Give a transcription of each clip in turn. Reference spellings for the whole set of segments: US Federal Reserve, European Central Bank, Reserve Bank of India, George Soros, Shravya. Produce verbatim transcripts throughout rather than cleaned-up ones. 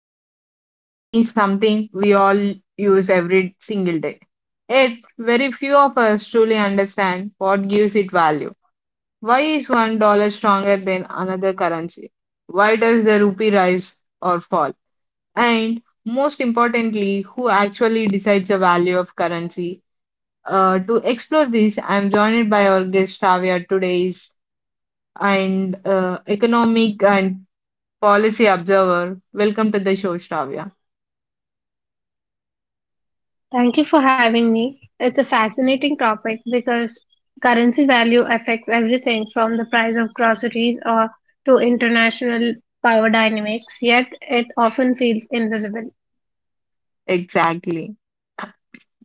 episode. Money is something we all use every single day. Yet, very few of us truly understand what gives it value. Why is one dollar stronger than another currency? Why does the rupee rise or fall? And most importantly, who actually decides the value of currency? Uh, to explore this, I'm joined by our guest Tavia today's and uh, economic and policy observer. Welcome to the show, Shravya. Thank you for having me. It's a fascinating topic because currency value affects everything from the price of groceries or to international power dynamics, yet it often feels invisible. Exactly.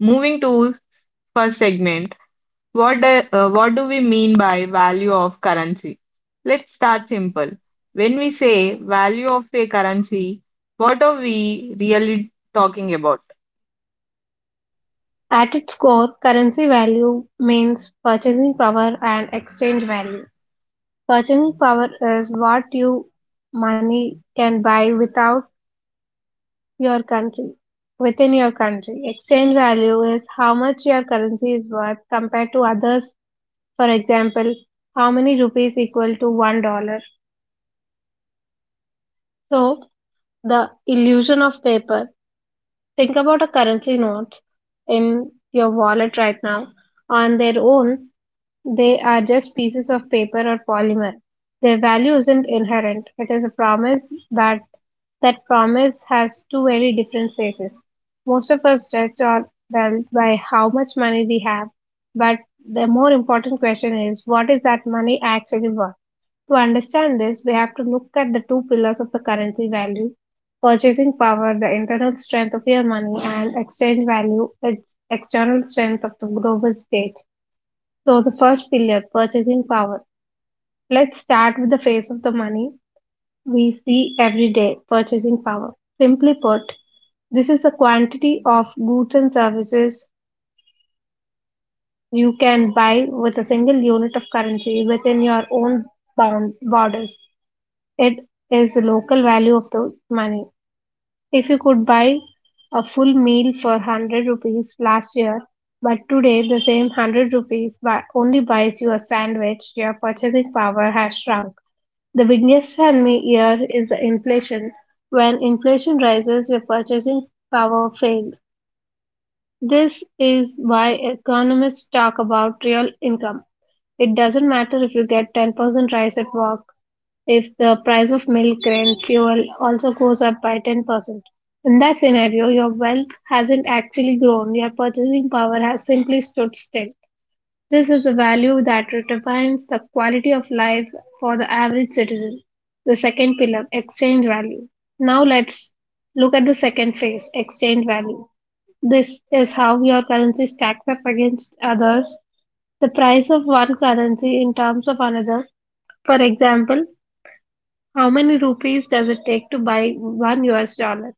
Moving to first segment, what do, uh, what do we mean by value of currency? Let's start simple. When we say value of a currency, what are we really talking about? At its core, currency value means purchasing power and exchange value. Purchasing power is what you money can buy without your country within your country. Exchange value is how much your currency is worth compared to others. For example, how many rupees equal to one dollar? So, the illusion of paper. Think about a currency notes in your wallet right now. On their own, they are just pieces of paper or polymer. Their value isn't inherent. It is a promise, but that promise has two very different faces. Most of us judge our wealth by how much money we have, but the more important question is, what is that money actually worth? To understand this, we have to look at the two pillars of the currency value: purchasing power, the internal strength of your money, and exchange value, its external strength of the global state. So, the first pillar, purchasing power. Let's start with the face of the money we see every day: purchasing power. Simply put, this is the quantity of goods and services you can buy with a single unit of currency within your own bound borders. It is the local value of the money. If you could buy a full meal for one hundred rupees last year, but today the same one hundred rupees buy, only buys you a sandwich, your purchasing power has shrunk. The biggest enemy here is the inflation. When inflation rises, your purchasing power fails. This is why economists talk about real income. It doesn't matter if you get ten percent rise at work if the price of milk, rent, fuel also goes up by ten percent. In that scenario, your wealth hasn't actually grown, your purchasing power has simply stood still. This is a value that defines the quality of life for the average citizen. The second pillar, exchange value. Now let's look at the second phase, exchange value. This is how your currency stacks up against others, the price of one currency in terms of another. For example, how many rupees does it take to buy one U S dollar?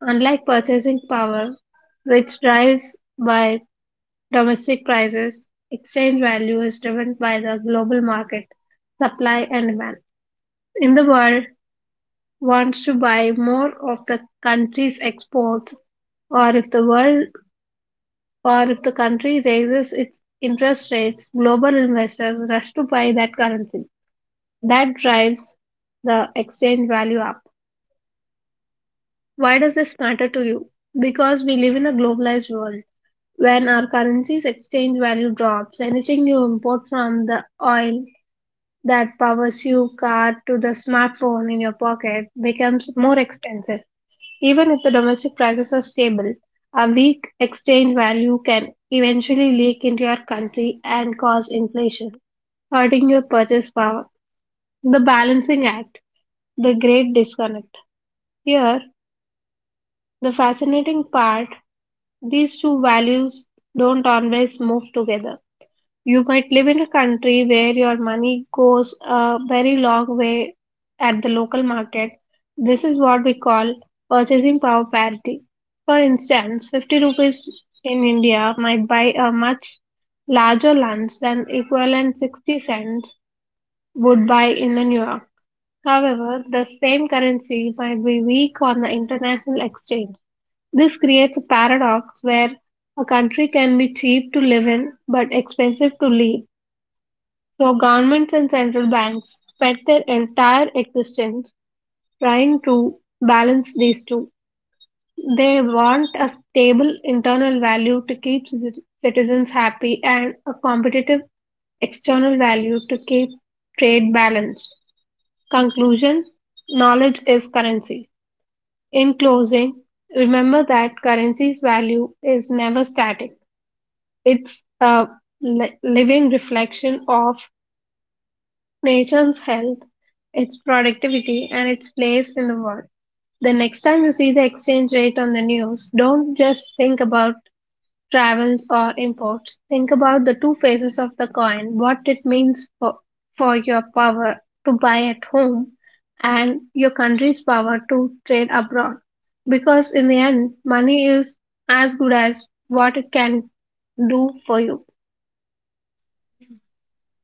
Unlike purchasing power, which drives by domestic prices, exchange value is driven by the global market, supply and demand. In the world wants to buy more of the country's exports, or if the world or if the country raises its interest rates, global investors rush to buy that currency. That drives the exchange value up. Why does this matter to you? Because we live in a globalized world. When our currency's exchange value drops, anything you import, from the oil that powers your car to the smartphone in your pocket, becomes more expensive. Even if the domestic prices are stable, a weak exchange value can eventually leak into your country and cause inflation, hurting your purchase power. The balancing act, the great disconnect. Here, the fascinating part, these two values don't always move together. You might live in a country where your money goes a very long way at the local market. This is what we call purchasing power parity. For instance, fifty rupees in India might buy a much larger lunch than equivalent sixty cents would buy in a New York. However, the same currency might be weak on the international exchange. This creates a paradox where a country can be cheap to live in but expensive to leave. So governments and central banks spent their entire existence trying to balance these two. They want a stable internal value to keep citi- citizens happy and a competitive external value to keep trade balanced. Conclusion: knowledge is currency. In closing, remember that currency's value is never static, it's a li- living reflection of nation's health, its productivity, and its place in the world. The next time you see the exchange rate on the news, don't just think about travels or imports. Think about the two faces of the coin, what it means for, for your power to buy at home and your country's power to trade abroad. Because in the end, money is as good as what it can do for you.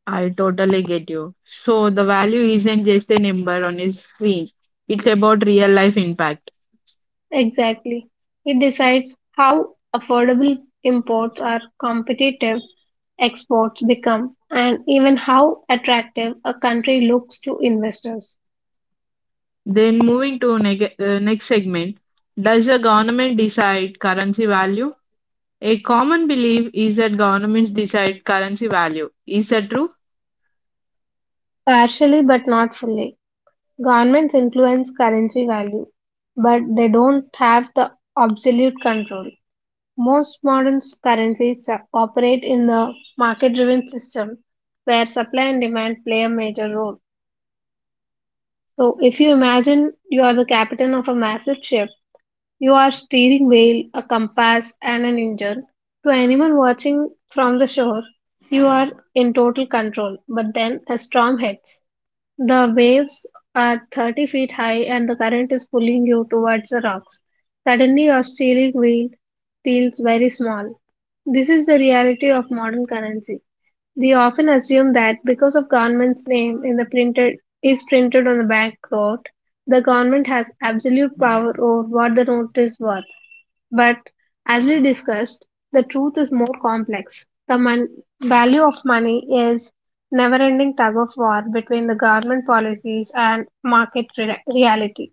I totally get you. So the value isn't just a number on a screen. It's about real life impact. Exactly. It decides how affordable imports are, competitive exports become, and even how attractive a country looks to investors. Then moving to neg- uh, next segment, does the government decide currency value? A common belief is that governments decide currency value. Is that true? Partially, but not fully. Governments influence currency value, but they don't have the absolute control. Most modern currencies su- operate in the market driven system where supply and demand play a major role. So, if you imagine you are the captain of a massive ship, you are steering wheel, a compass, and an engine. To anyone watching from the shore, you are in total control. But then a storm hits. The waves are thirty feet high and the current is pulling you towards the rocks. Suddenly, your steering wheel feels very small. This is the reality of modern currency. We often assume that because of government's name in the printed is printed on the banknote, the government has absolute power over what the note is worth. But as we discussed, the truth is more complex. The mon- value of money is never ending tug of war between the government policies and market re- reality.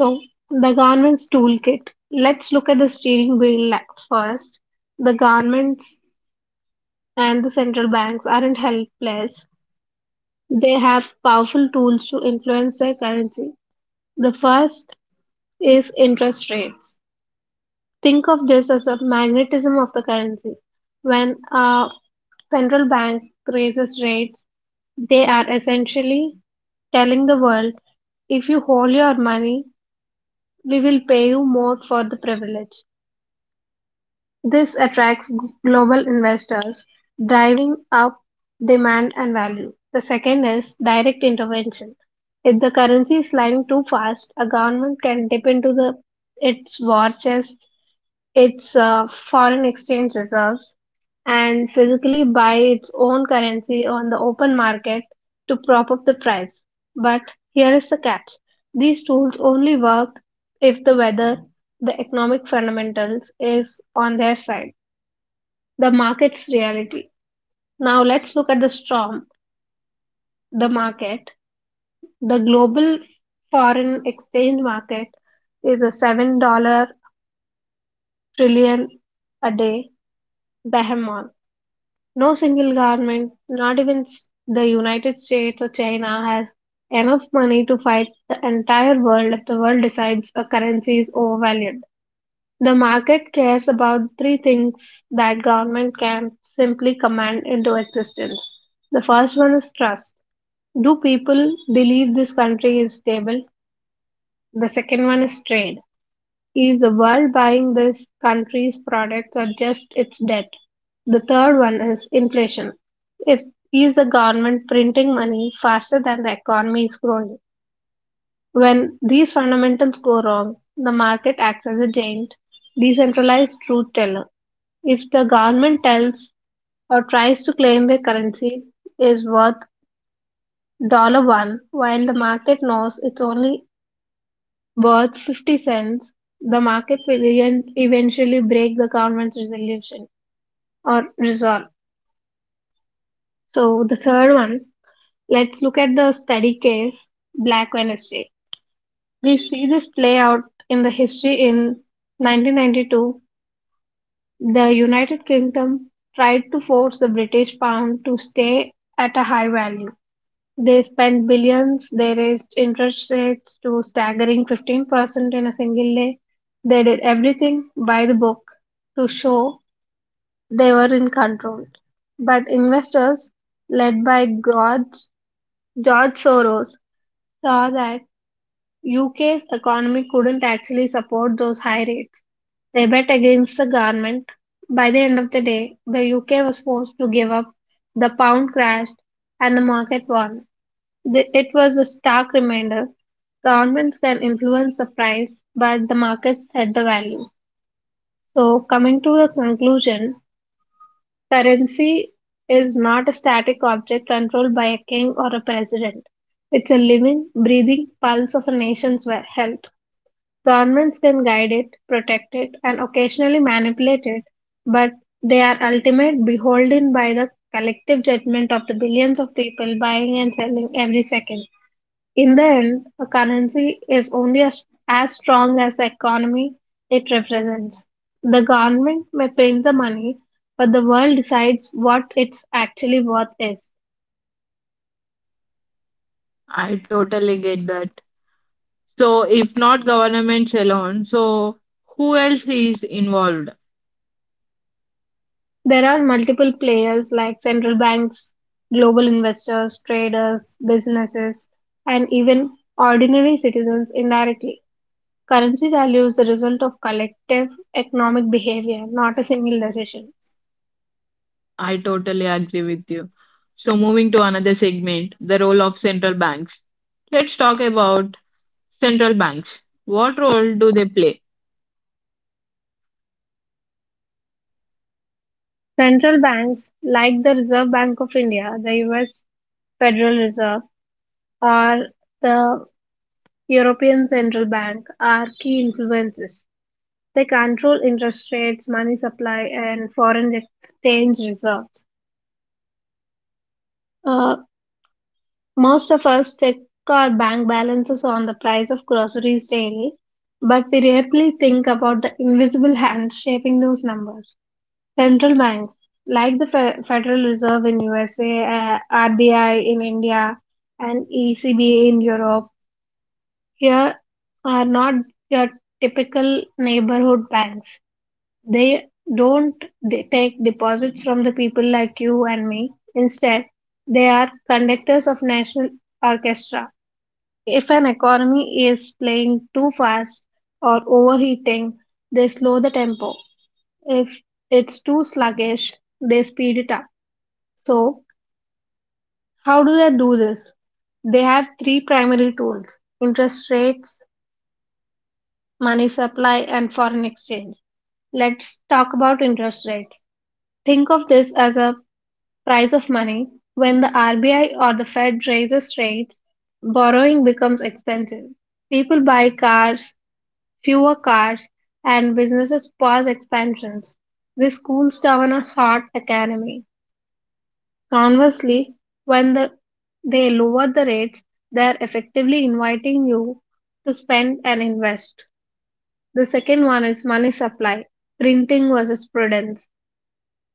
So, the government's toolkit. Let's look at the steering wheel la- first. The governments and the central banks aren't helpless. They have powerful tools to influence their currency. The first is interest rates. Think of this as a magnetism of the currency. When a central bank raises rates, they are essentially telling the world, if you hold your money, we will pay you more for the privilege. This attracts g- global investors, driving up demand and value. The second is direct intervention. If the currency is sliding too fast, a government can dip into the, its war chest, its uh, foreign exchange reserves, and physically buy its own currency on the open market to prop up the price. But here is the catch, these tools only work if the weather, the economic fundamentals, is on their side, the market's reality. Now let's look at the storm, the market. The global foreign exchange market is a seven trillion trillion a day behemoth. No single government, not even s- the United States or China, has enough money to fight the entire world if the world decides a currency is overvalued. The market cares about three things that government can simply command into existence. The first one is trust. Do people believe this country is stable? The second one is trade, is the world buying this country's products or just its debt? The third one is inflation. If is the government printing money faster than the economy is growing? When these fundamentals go wrong, the market acts as a giant, decentralized truth teller. If the government tells or tries to claim their currency is worth dollar one, while the market knows it's only worth fifty cents, the market will even- eventually break the government's resolution or resolve. So, the third one, let's look at the study case, Black Wednesday. We see this play out in the history in nineteen ninety-two. The United Kingdom tried to force the British pound to stay at a high value. They spent billions, they raised interest rates to staggering fifteen percent in a single day. They did everything by the book to show they were in control. But investors, led by George, George Soros, saw that U K's economy couldn't actually support those high rates. They bet against the government. By the end of the day, the U K was forced to give up. The pound crashed and the market won. The, it was a stark reminder, governments can influence the price, but the market set the value. So, coming to a conclusion, currency is not a static object controlled by a king or a president. It's a living, breathing pulse of a nation's we- health. Governments can guide it, protect it, and occasionally manipulate it, but they are ultimate beholden by the collective judgment of the billions of people buying and selling every second. In the end, a currency is only as, as strong as the economy it represents. The government may print the money, but the world decides what its actually worth is. I totally get that. So, if not governments alone, so who else is involved? There are multiple players like central banks, global investors, traders, businesses, and even ordinary citizens indirectly. Currency value is the result of collective economic behavior, not a single decision. I totally agree with you. So, moving to another segment, the role of central banks. Let's talk about central banks. What role do they play? Central banks like the Reserve Bank of India, the U S Federal Reserve, or the European Central Bank are key influences. They control interest rates, money supply, and foreign exchange reserves. Uh, Most of us check our bank balances on the price of groceries daily, but we rarely think about the invisible hand shaping those numbers. Central banks, like the Fe- Federal Reserve in U S A, uh, R B I in India, and E C B in Europe, here are not your typical neighborhood banks. They don't de- take deposits from the people like you and me. Instead, they are conductors of national orchestra. If an economy is playing too fast or overheating, they slow the tempo. If it's too sluggish, they speed it up. So, how do they do this? They have three primary tools: interest rates, money supply, and foreign exchange. Let's talk about interest rates. Think of this as a price of money. When the R B I or the Fed raises rates, borrowing becomes expensive. People buy cars, fewer cars, and businesses pause expansions. This cools down a hot economy. Conversely, when the, they lower the rates, they're effectively inviting you to spend and invest. The second one is money supply, printing versus prudence.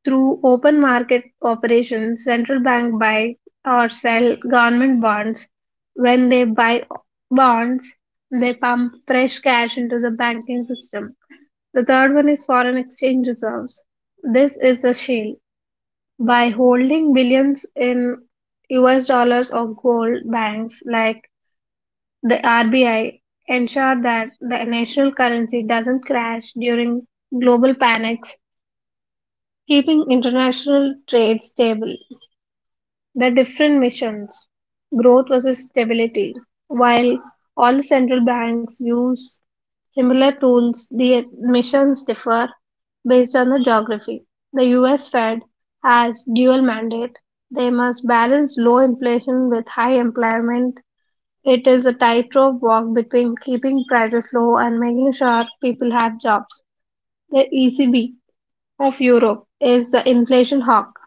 Through open market operations, central bank buy or sell government bonds. When they buy bonds, they pump fresh cash into the banking system. The third one is foreign exchange reserves. This is a shale. By holding billions in U S dollars or gold, banks like the R B I ensure that the national currency doesn't crash during global panics, keeping international trade stable. The different missions' growth versus stability: while all the central banks use similar tools, the missions differ based on the geography. The U S Fed has dual mandate. They must balance low inflation with high employment. It is a tightrope walk between keeping prices low and making sure people have jobs. The E C B of Europe is the inflation hawk.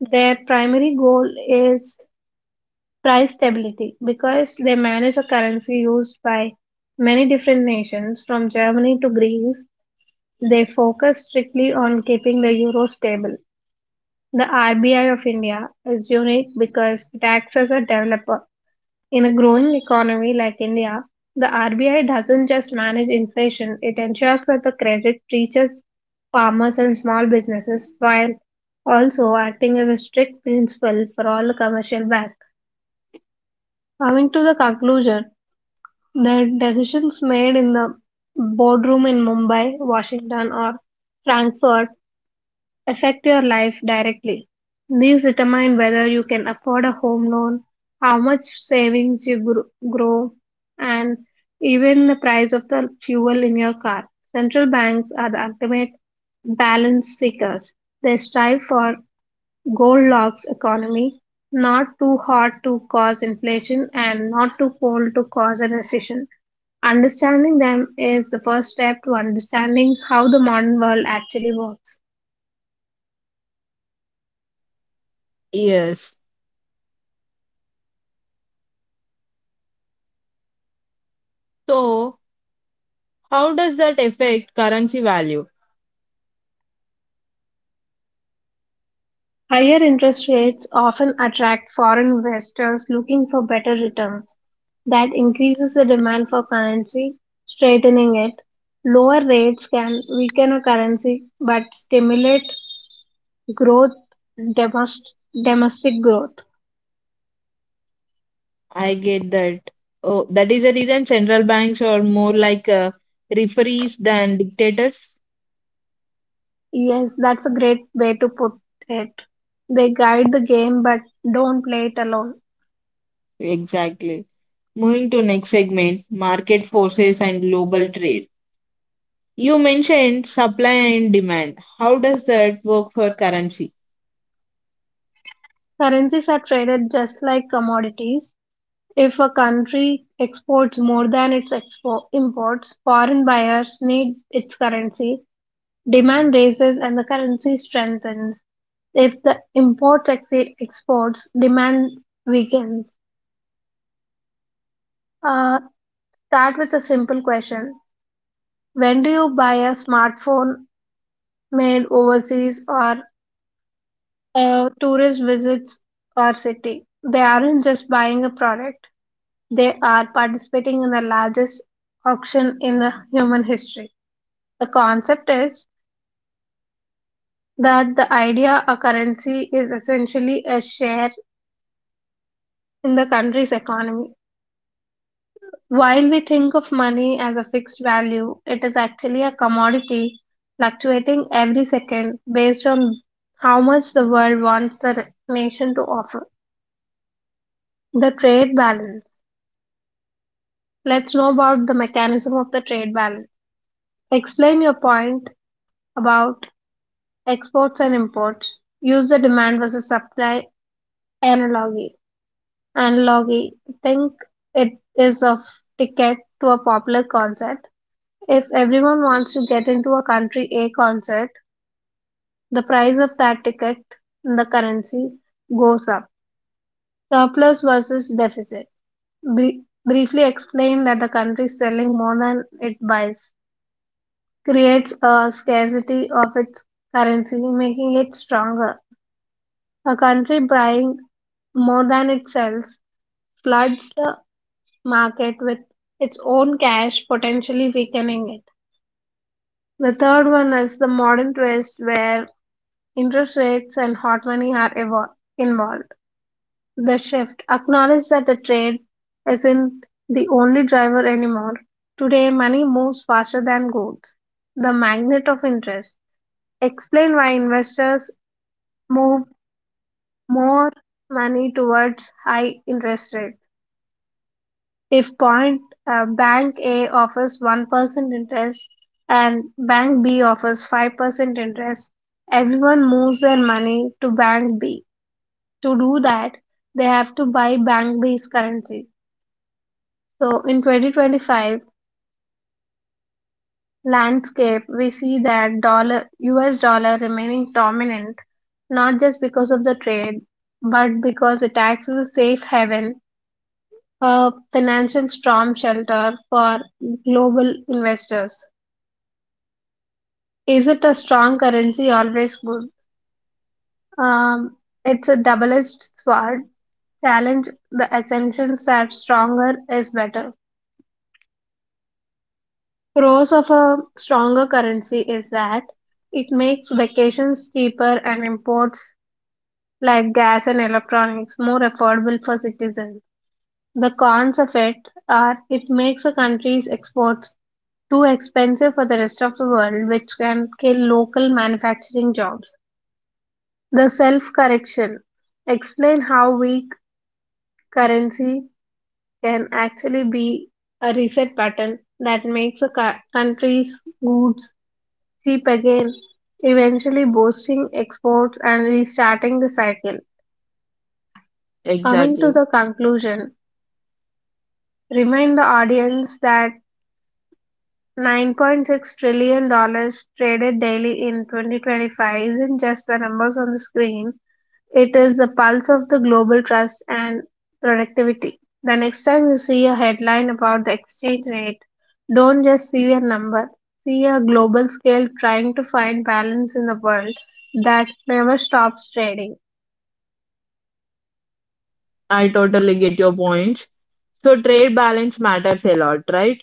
Their primary goal is price stability. Because they manage a currency used by many different nations from Germany to Greece, they focus strictly on keeping the euro stable. The R B I of India is unique because it acts as a developer. In a growing economy like India, the R B I doesn't just manage inflation, it ensures that the credit reaches farmers and small businesses, while also acting as a strict principle for all the commercial banks. Coming to the conclusion, the decisions made in the boardroom in Mumbai, Washington, or Frankfurt affect your life directly. These determine whether you can afford a home loan, how much savings you gr- grow, and even the price of the fuel in your car. Central banks are the ultimate balance seekers. They strive for Goldilocks economy, not too hot to cause inflation and not too cold to cause a recession. Understanding them is the first step to understanding how the modern world actually works. Yes. So, how does that affect currency value? Higher interest rates often attract foreign investors looking for better returns. That increases the demand for currency, strengthening it. Lower rates can weaken a currency but stimulate growth, domest- domestic growth. I get that. Oh, that is the reason central banks are more like uh, referees than dictators. Yes, that's a great way to put it. They guide the game but don't play it alone. Exactly. Moving to next segment, market forces and global trade. You mentioned supply and demand. How does that work for currency? Currencies are traded just like commodities. If a country exports more than its expo- imports, foreign buyers need its currency, demand raises, and the currency strengthens. If the imports exceed exports, demand weakens. Uh, Start with a simple question. When do you buy a smartphone made overseas or a tourist visits our city? They aren't just buying a product. They are participating in the largest auction in the human history. The concept is that the idea a currency is essentially a share in the country's economy. While we think of money as a fixed value, it is actually a commodity fluctuating every second based on how much the world wants the nation to offer. The trade balance. Let's know about the mechanism of the trade balance. Explain your point about exports and imports, use the demand versus supply analogy. Analogy think it is of ticket to a popular concert. If everyone wants to get into a country A concert, the price of that ticket in the currency goes up. Surplus versus deficit. Bri- briefly explain that the country is selling more than it buys creates a scarcity of its currency, making it stronger. A country buying more than it sells floods the market with its own cash, potentially weakening it. The third one is the modern twist where interest rates and hot money are evol- involved. The shift acknowledges that the trade isn't the only driver anymore. Today, money moves faster than goods. The magnet of interest. Explain why investors move more money towards high interest rates. If point uh, bank A offers one percent interest and bank B offers five percent interest, everyone moves their money to bank B. To do that, they have to buy bank B's currency. So in twenty twenty-five landscape, we see that dollar U S dollar remaining dominant, not just because of the trade, but because it acts as a safe haven, a financial storm shelter for global investors. Is it a strong currency? Always good. Um, it's a double-edged sword. Challenge the assumption that stronger is better. Pros of a stronger currency is that it makes vacations cheaper and imports like gas and electronics more affordable for citizens. The cons of it are it makes a country's exports too expensive for the rest of the world, which can kill local manufacturing jobs. The self-correction: explain how weak currency can actually be a reset button that makes a cou- country's goods cheap again, eventually boosting exports and restarting the cycle. Coming to Exactly. the conclusion, remind the audience that nine point six trillion dollars traded daily in twenty twenty-five isn't just the numbers on the screen, it is the pulse of the global trust and productivity. The next time you see a headline about the exchange rate, don't just see a number. See a global scale trying to find balance in the world that never stops trading. I totally get your points. So trade balance matters a lot, right?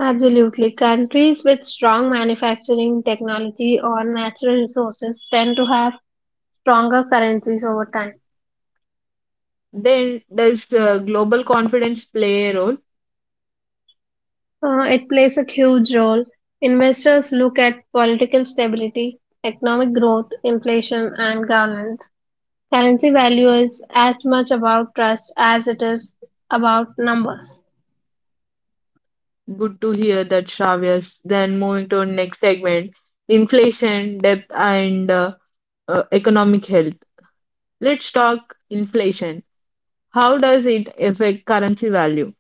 Absolutely. Countries with strong manufacturing technology or natural resources tend to have stronger currencies over time. Then does uh, global confidence play a role? Uh, it plays a huge role. Investors look at political stability, economic growth, inflation, and governance. Currency value is as much about trust as it is about numbers. Good to hear that, Shravya. Then moving to our next segment, inflation, depth, and uh, uh, economic health. Let's talk inflation. How does it affect currency value?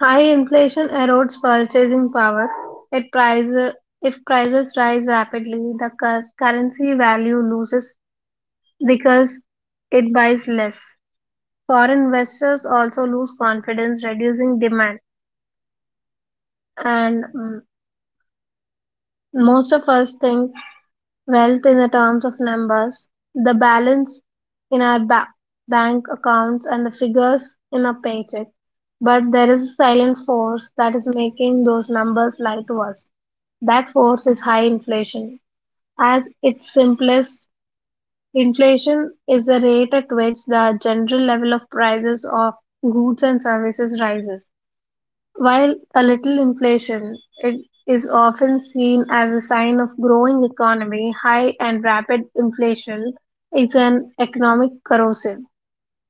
High inflation erodes purchasing power. It prices, if prices rise rapidly, the cur- currency value loses because it buys less. Foreign investors also lose confidence, reducing demand. And mm, most of us think wealth in the terms of numbers, the balance in our ba- bank accounts, and the figures in our paycheck. But there is a silent force that is making those numbers lie to us. That force is high inflation. At its simplest, inflation is the rate at which the general level of prices of goods and services rises. While a little inflation, it is often seen as a sign of growing economy, high and rapid inflation is an economic corrosive.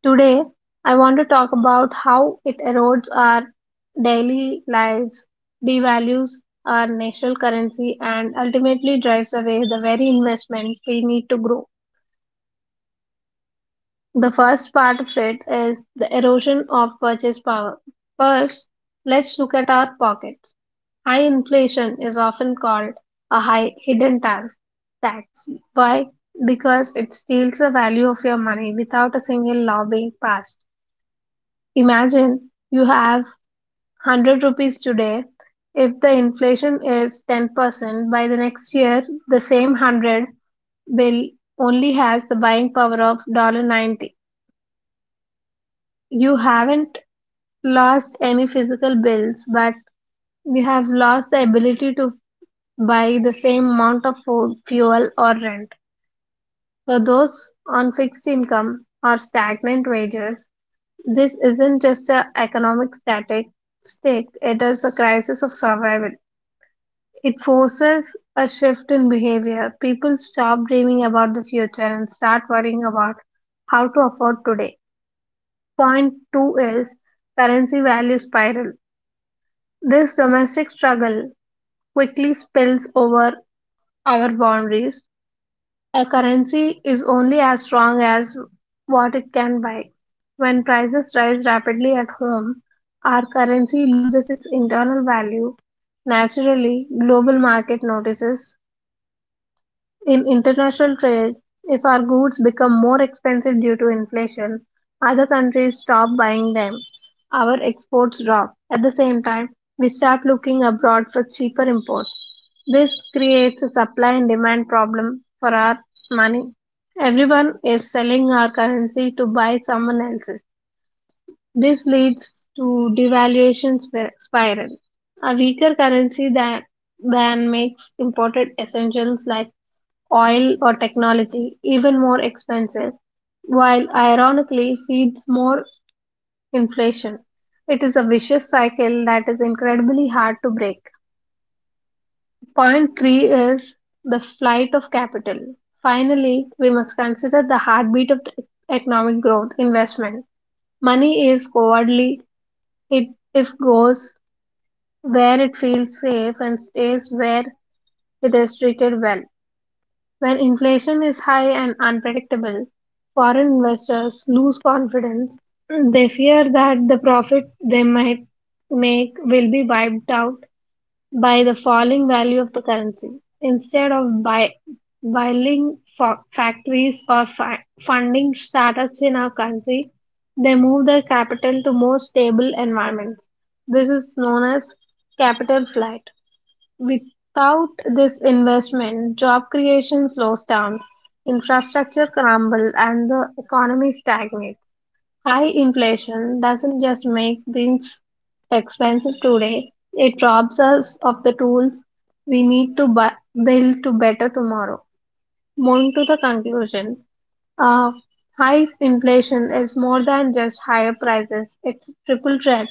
Today, I want to talk about how it erodes our daily lives, devalues our national currency, and ultimately drives away the very investment we need to grow. The first part of it is the erosion of purchase power. First, let's look at our pockets. High inflation is often called a high hidden tax. Tax. Why? Because it steals the value of your money without a single law being passed. Imagine you have one hundred rupees today. If the inflation is ten percent, by the next year, the same one hundred bill only has the buying power of one dollar ninety. You haven't lost any physical bills, but you have lost the ability to by the same amount of food, fuel, or rent. For those on fixed income or stagnant wages, this isn't just an economic static stick, it is a crisis of survival. It forces a shift in behavior. People stop dreaming about the future and start worrying about how to afford today. Point two is currency value spiral. This domestic struggle quickly spills over our boundaries. A currency is only as strong as what it can buy. When prices rise rapidly at home, our currency loses its internal value. Naturally, global market notices in international trade, if our goods become more expensive due to inflation, other countries stop buying them. Our exports drop. At the same time, we start looking abroad for cheaper imports. This creates a supply and demand problem for our money. Everyone is selling our currency to buy someone else's. This leads to devaluation spir- spiral. A weaker currency than, than makes imported essentials like oil or technology even more expensive, while ironically feeds more inflation. It is a vicious cycle that is incredibly hard to break. Point three is the flight of capital. Finally, we must consider the heartbeat of the economic growth investment. Money is cowardly. It if goes where it feels safe and stays where it is treated well. When inflation is high and unpredictable, foreign investors lose confidence. They fear that the profit they might make will be wiped out by the falling value of the currency. Instead of buy, buying fa- factories or fi- funding startups in our country, they move their capital to more stable environments. This is known as capital flight. Without this investment, job creation slows down, infrastructure crumbles, and the economy stagnates. High inflation doesn't just make things expensive today, it robs us of the tools we need to bu- build to better tomorrow. Moving to the conclusion, uh, high inflation is more than just higher prices, it's a triple threat.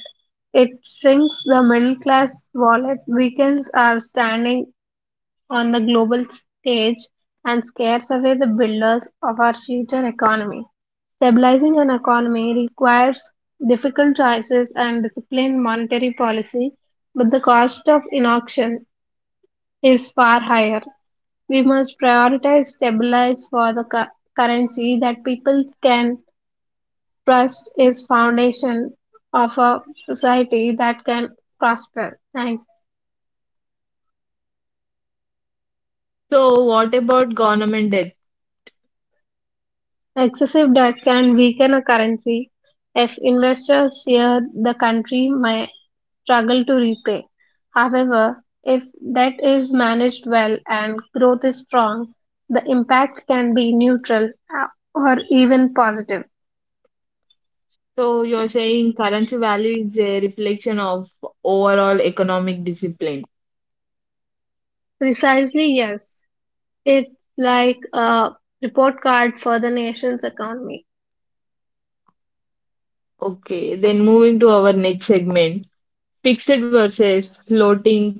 It shrinks the middle class wallet, weakens our standing on the global stage, and scares away the builders of our future economy. Stabilizing an economy requires difficult choices and disciplined monetary policy, but the cost of inaction is far higher. We must prioritize stabilize for the cu- currency that people can trust is foundation of a society that can prosper. Thank. So, what about government debt? Excessive debt can weaken a currency if investors fear the country may struggle to repay. However, if debt is managed well and growth is strong, the impact can be neutral, uh, or even positive. So, you're saying currency value is a reflection of overall economic discipline. Precisely, yes. It's like a report card for the nation's economy. Okay, then moving to our next segment, fixed versus floating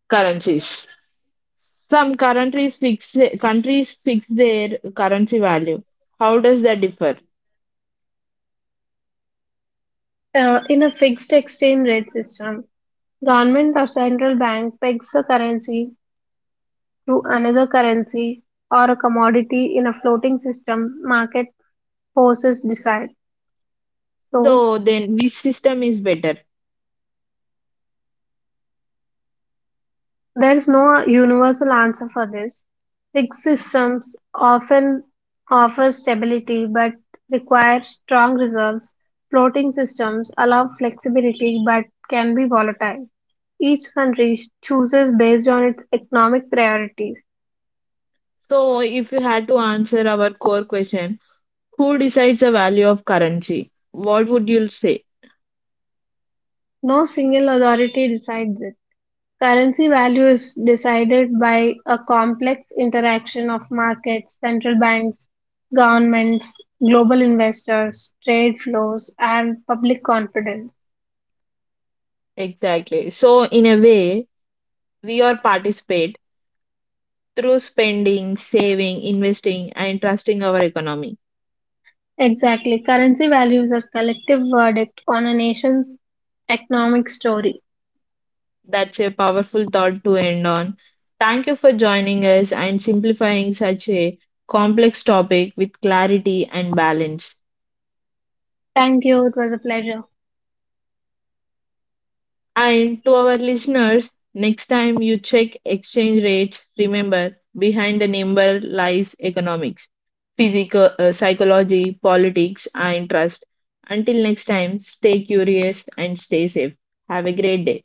currencies. Some countries fix countries fix their currency value. How does that differ? Uh, in a fixed exchange rate system, government or central bank pegs the currency to another currency or a commodity. In a floating system, market forces decide. So, So then, which system is better? there is no universal answer for this. Fixed systems often offer stability but require strong reserves. Floating systems allow flexibility but can be volatile. Each country chooses based on its economic priorities. So if you had to answer our core question, who decides the value of currency? What would you say? No single authority decides this. Currency value is decided by a complex interaction of markets, central banks, governments, global investors, trade flows, and public confidence. Exactly. So in a way, we are participate through spending, saving, investing, and trusting our economy. Exactly. Currency values are collective verdict on a nation's economic story. That's a powerful thought to end on. Thank you for joining us and simplifying such a complex topic with clarity and balance. Thank you. It was a pleasure. And to our listeners, next time you check exchange rates, remember behind the number lies economics, physical, uh, psychology, politics, and trust. Until next time, stay curious and stay safe. Have a great day.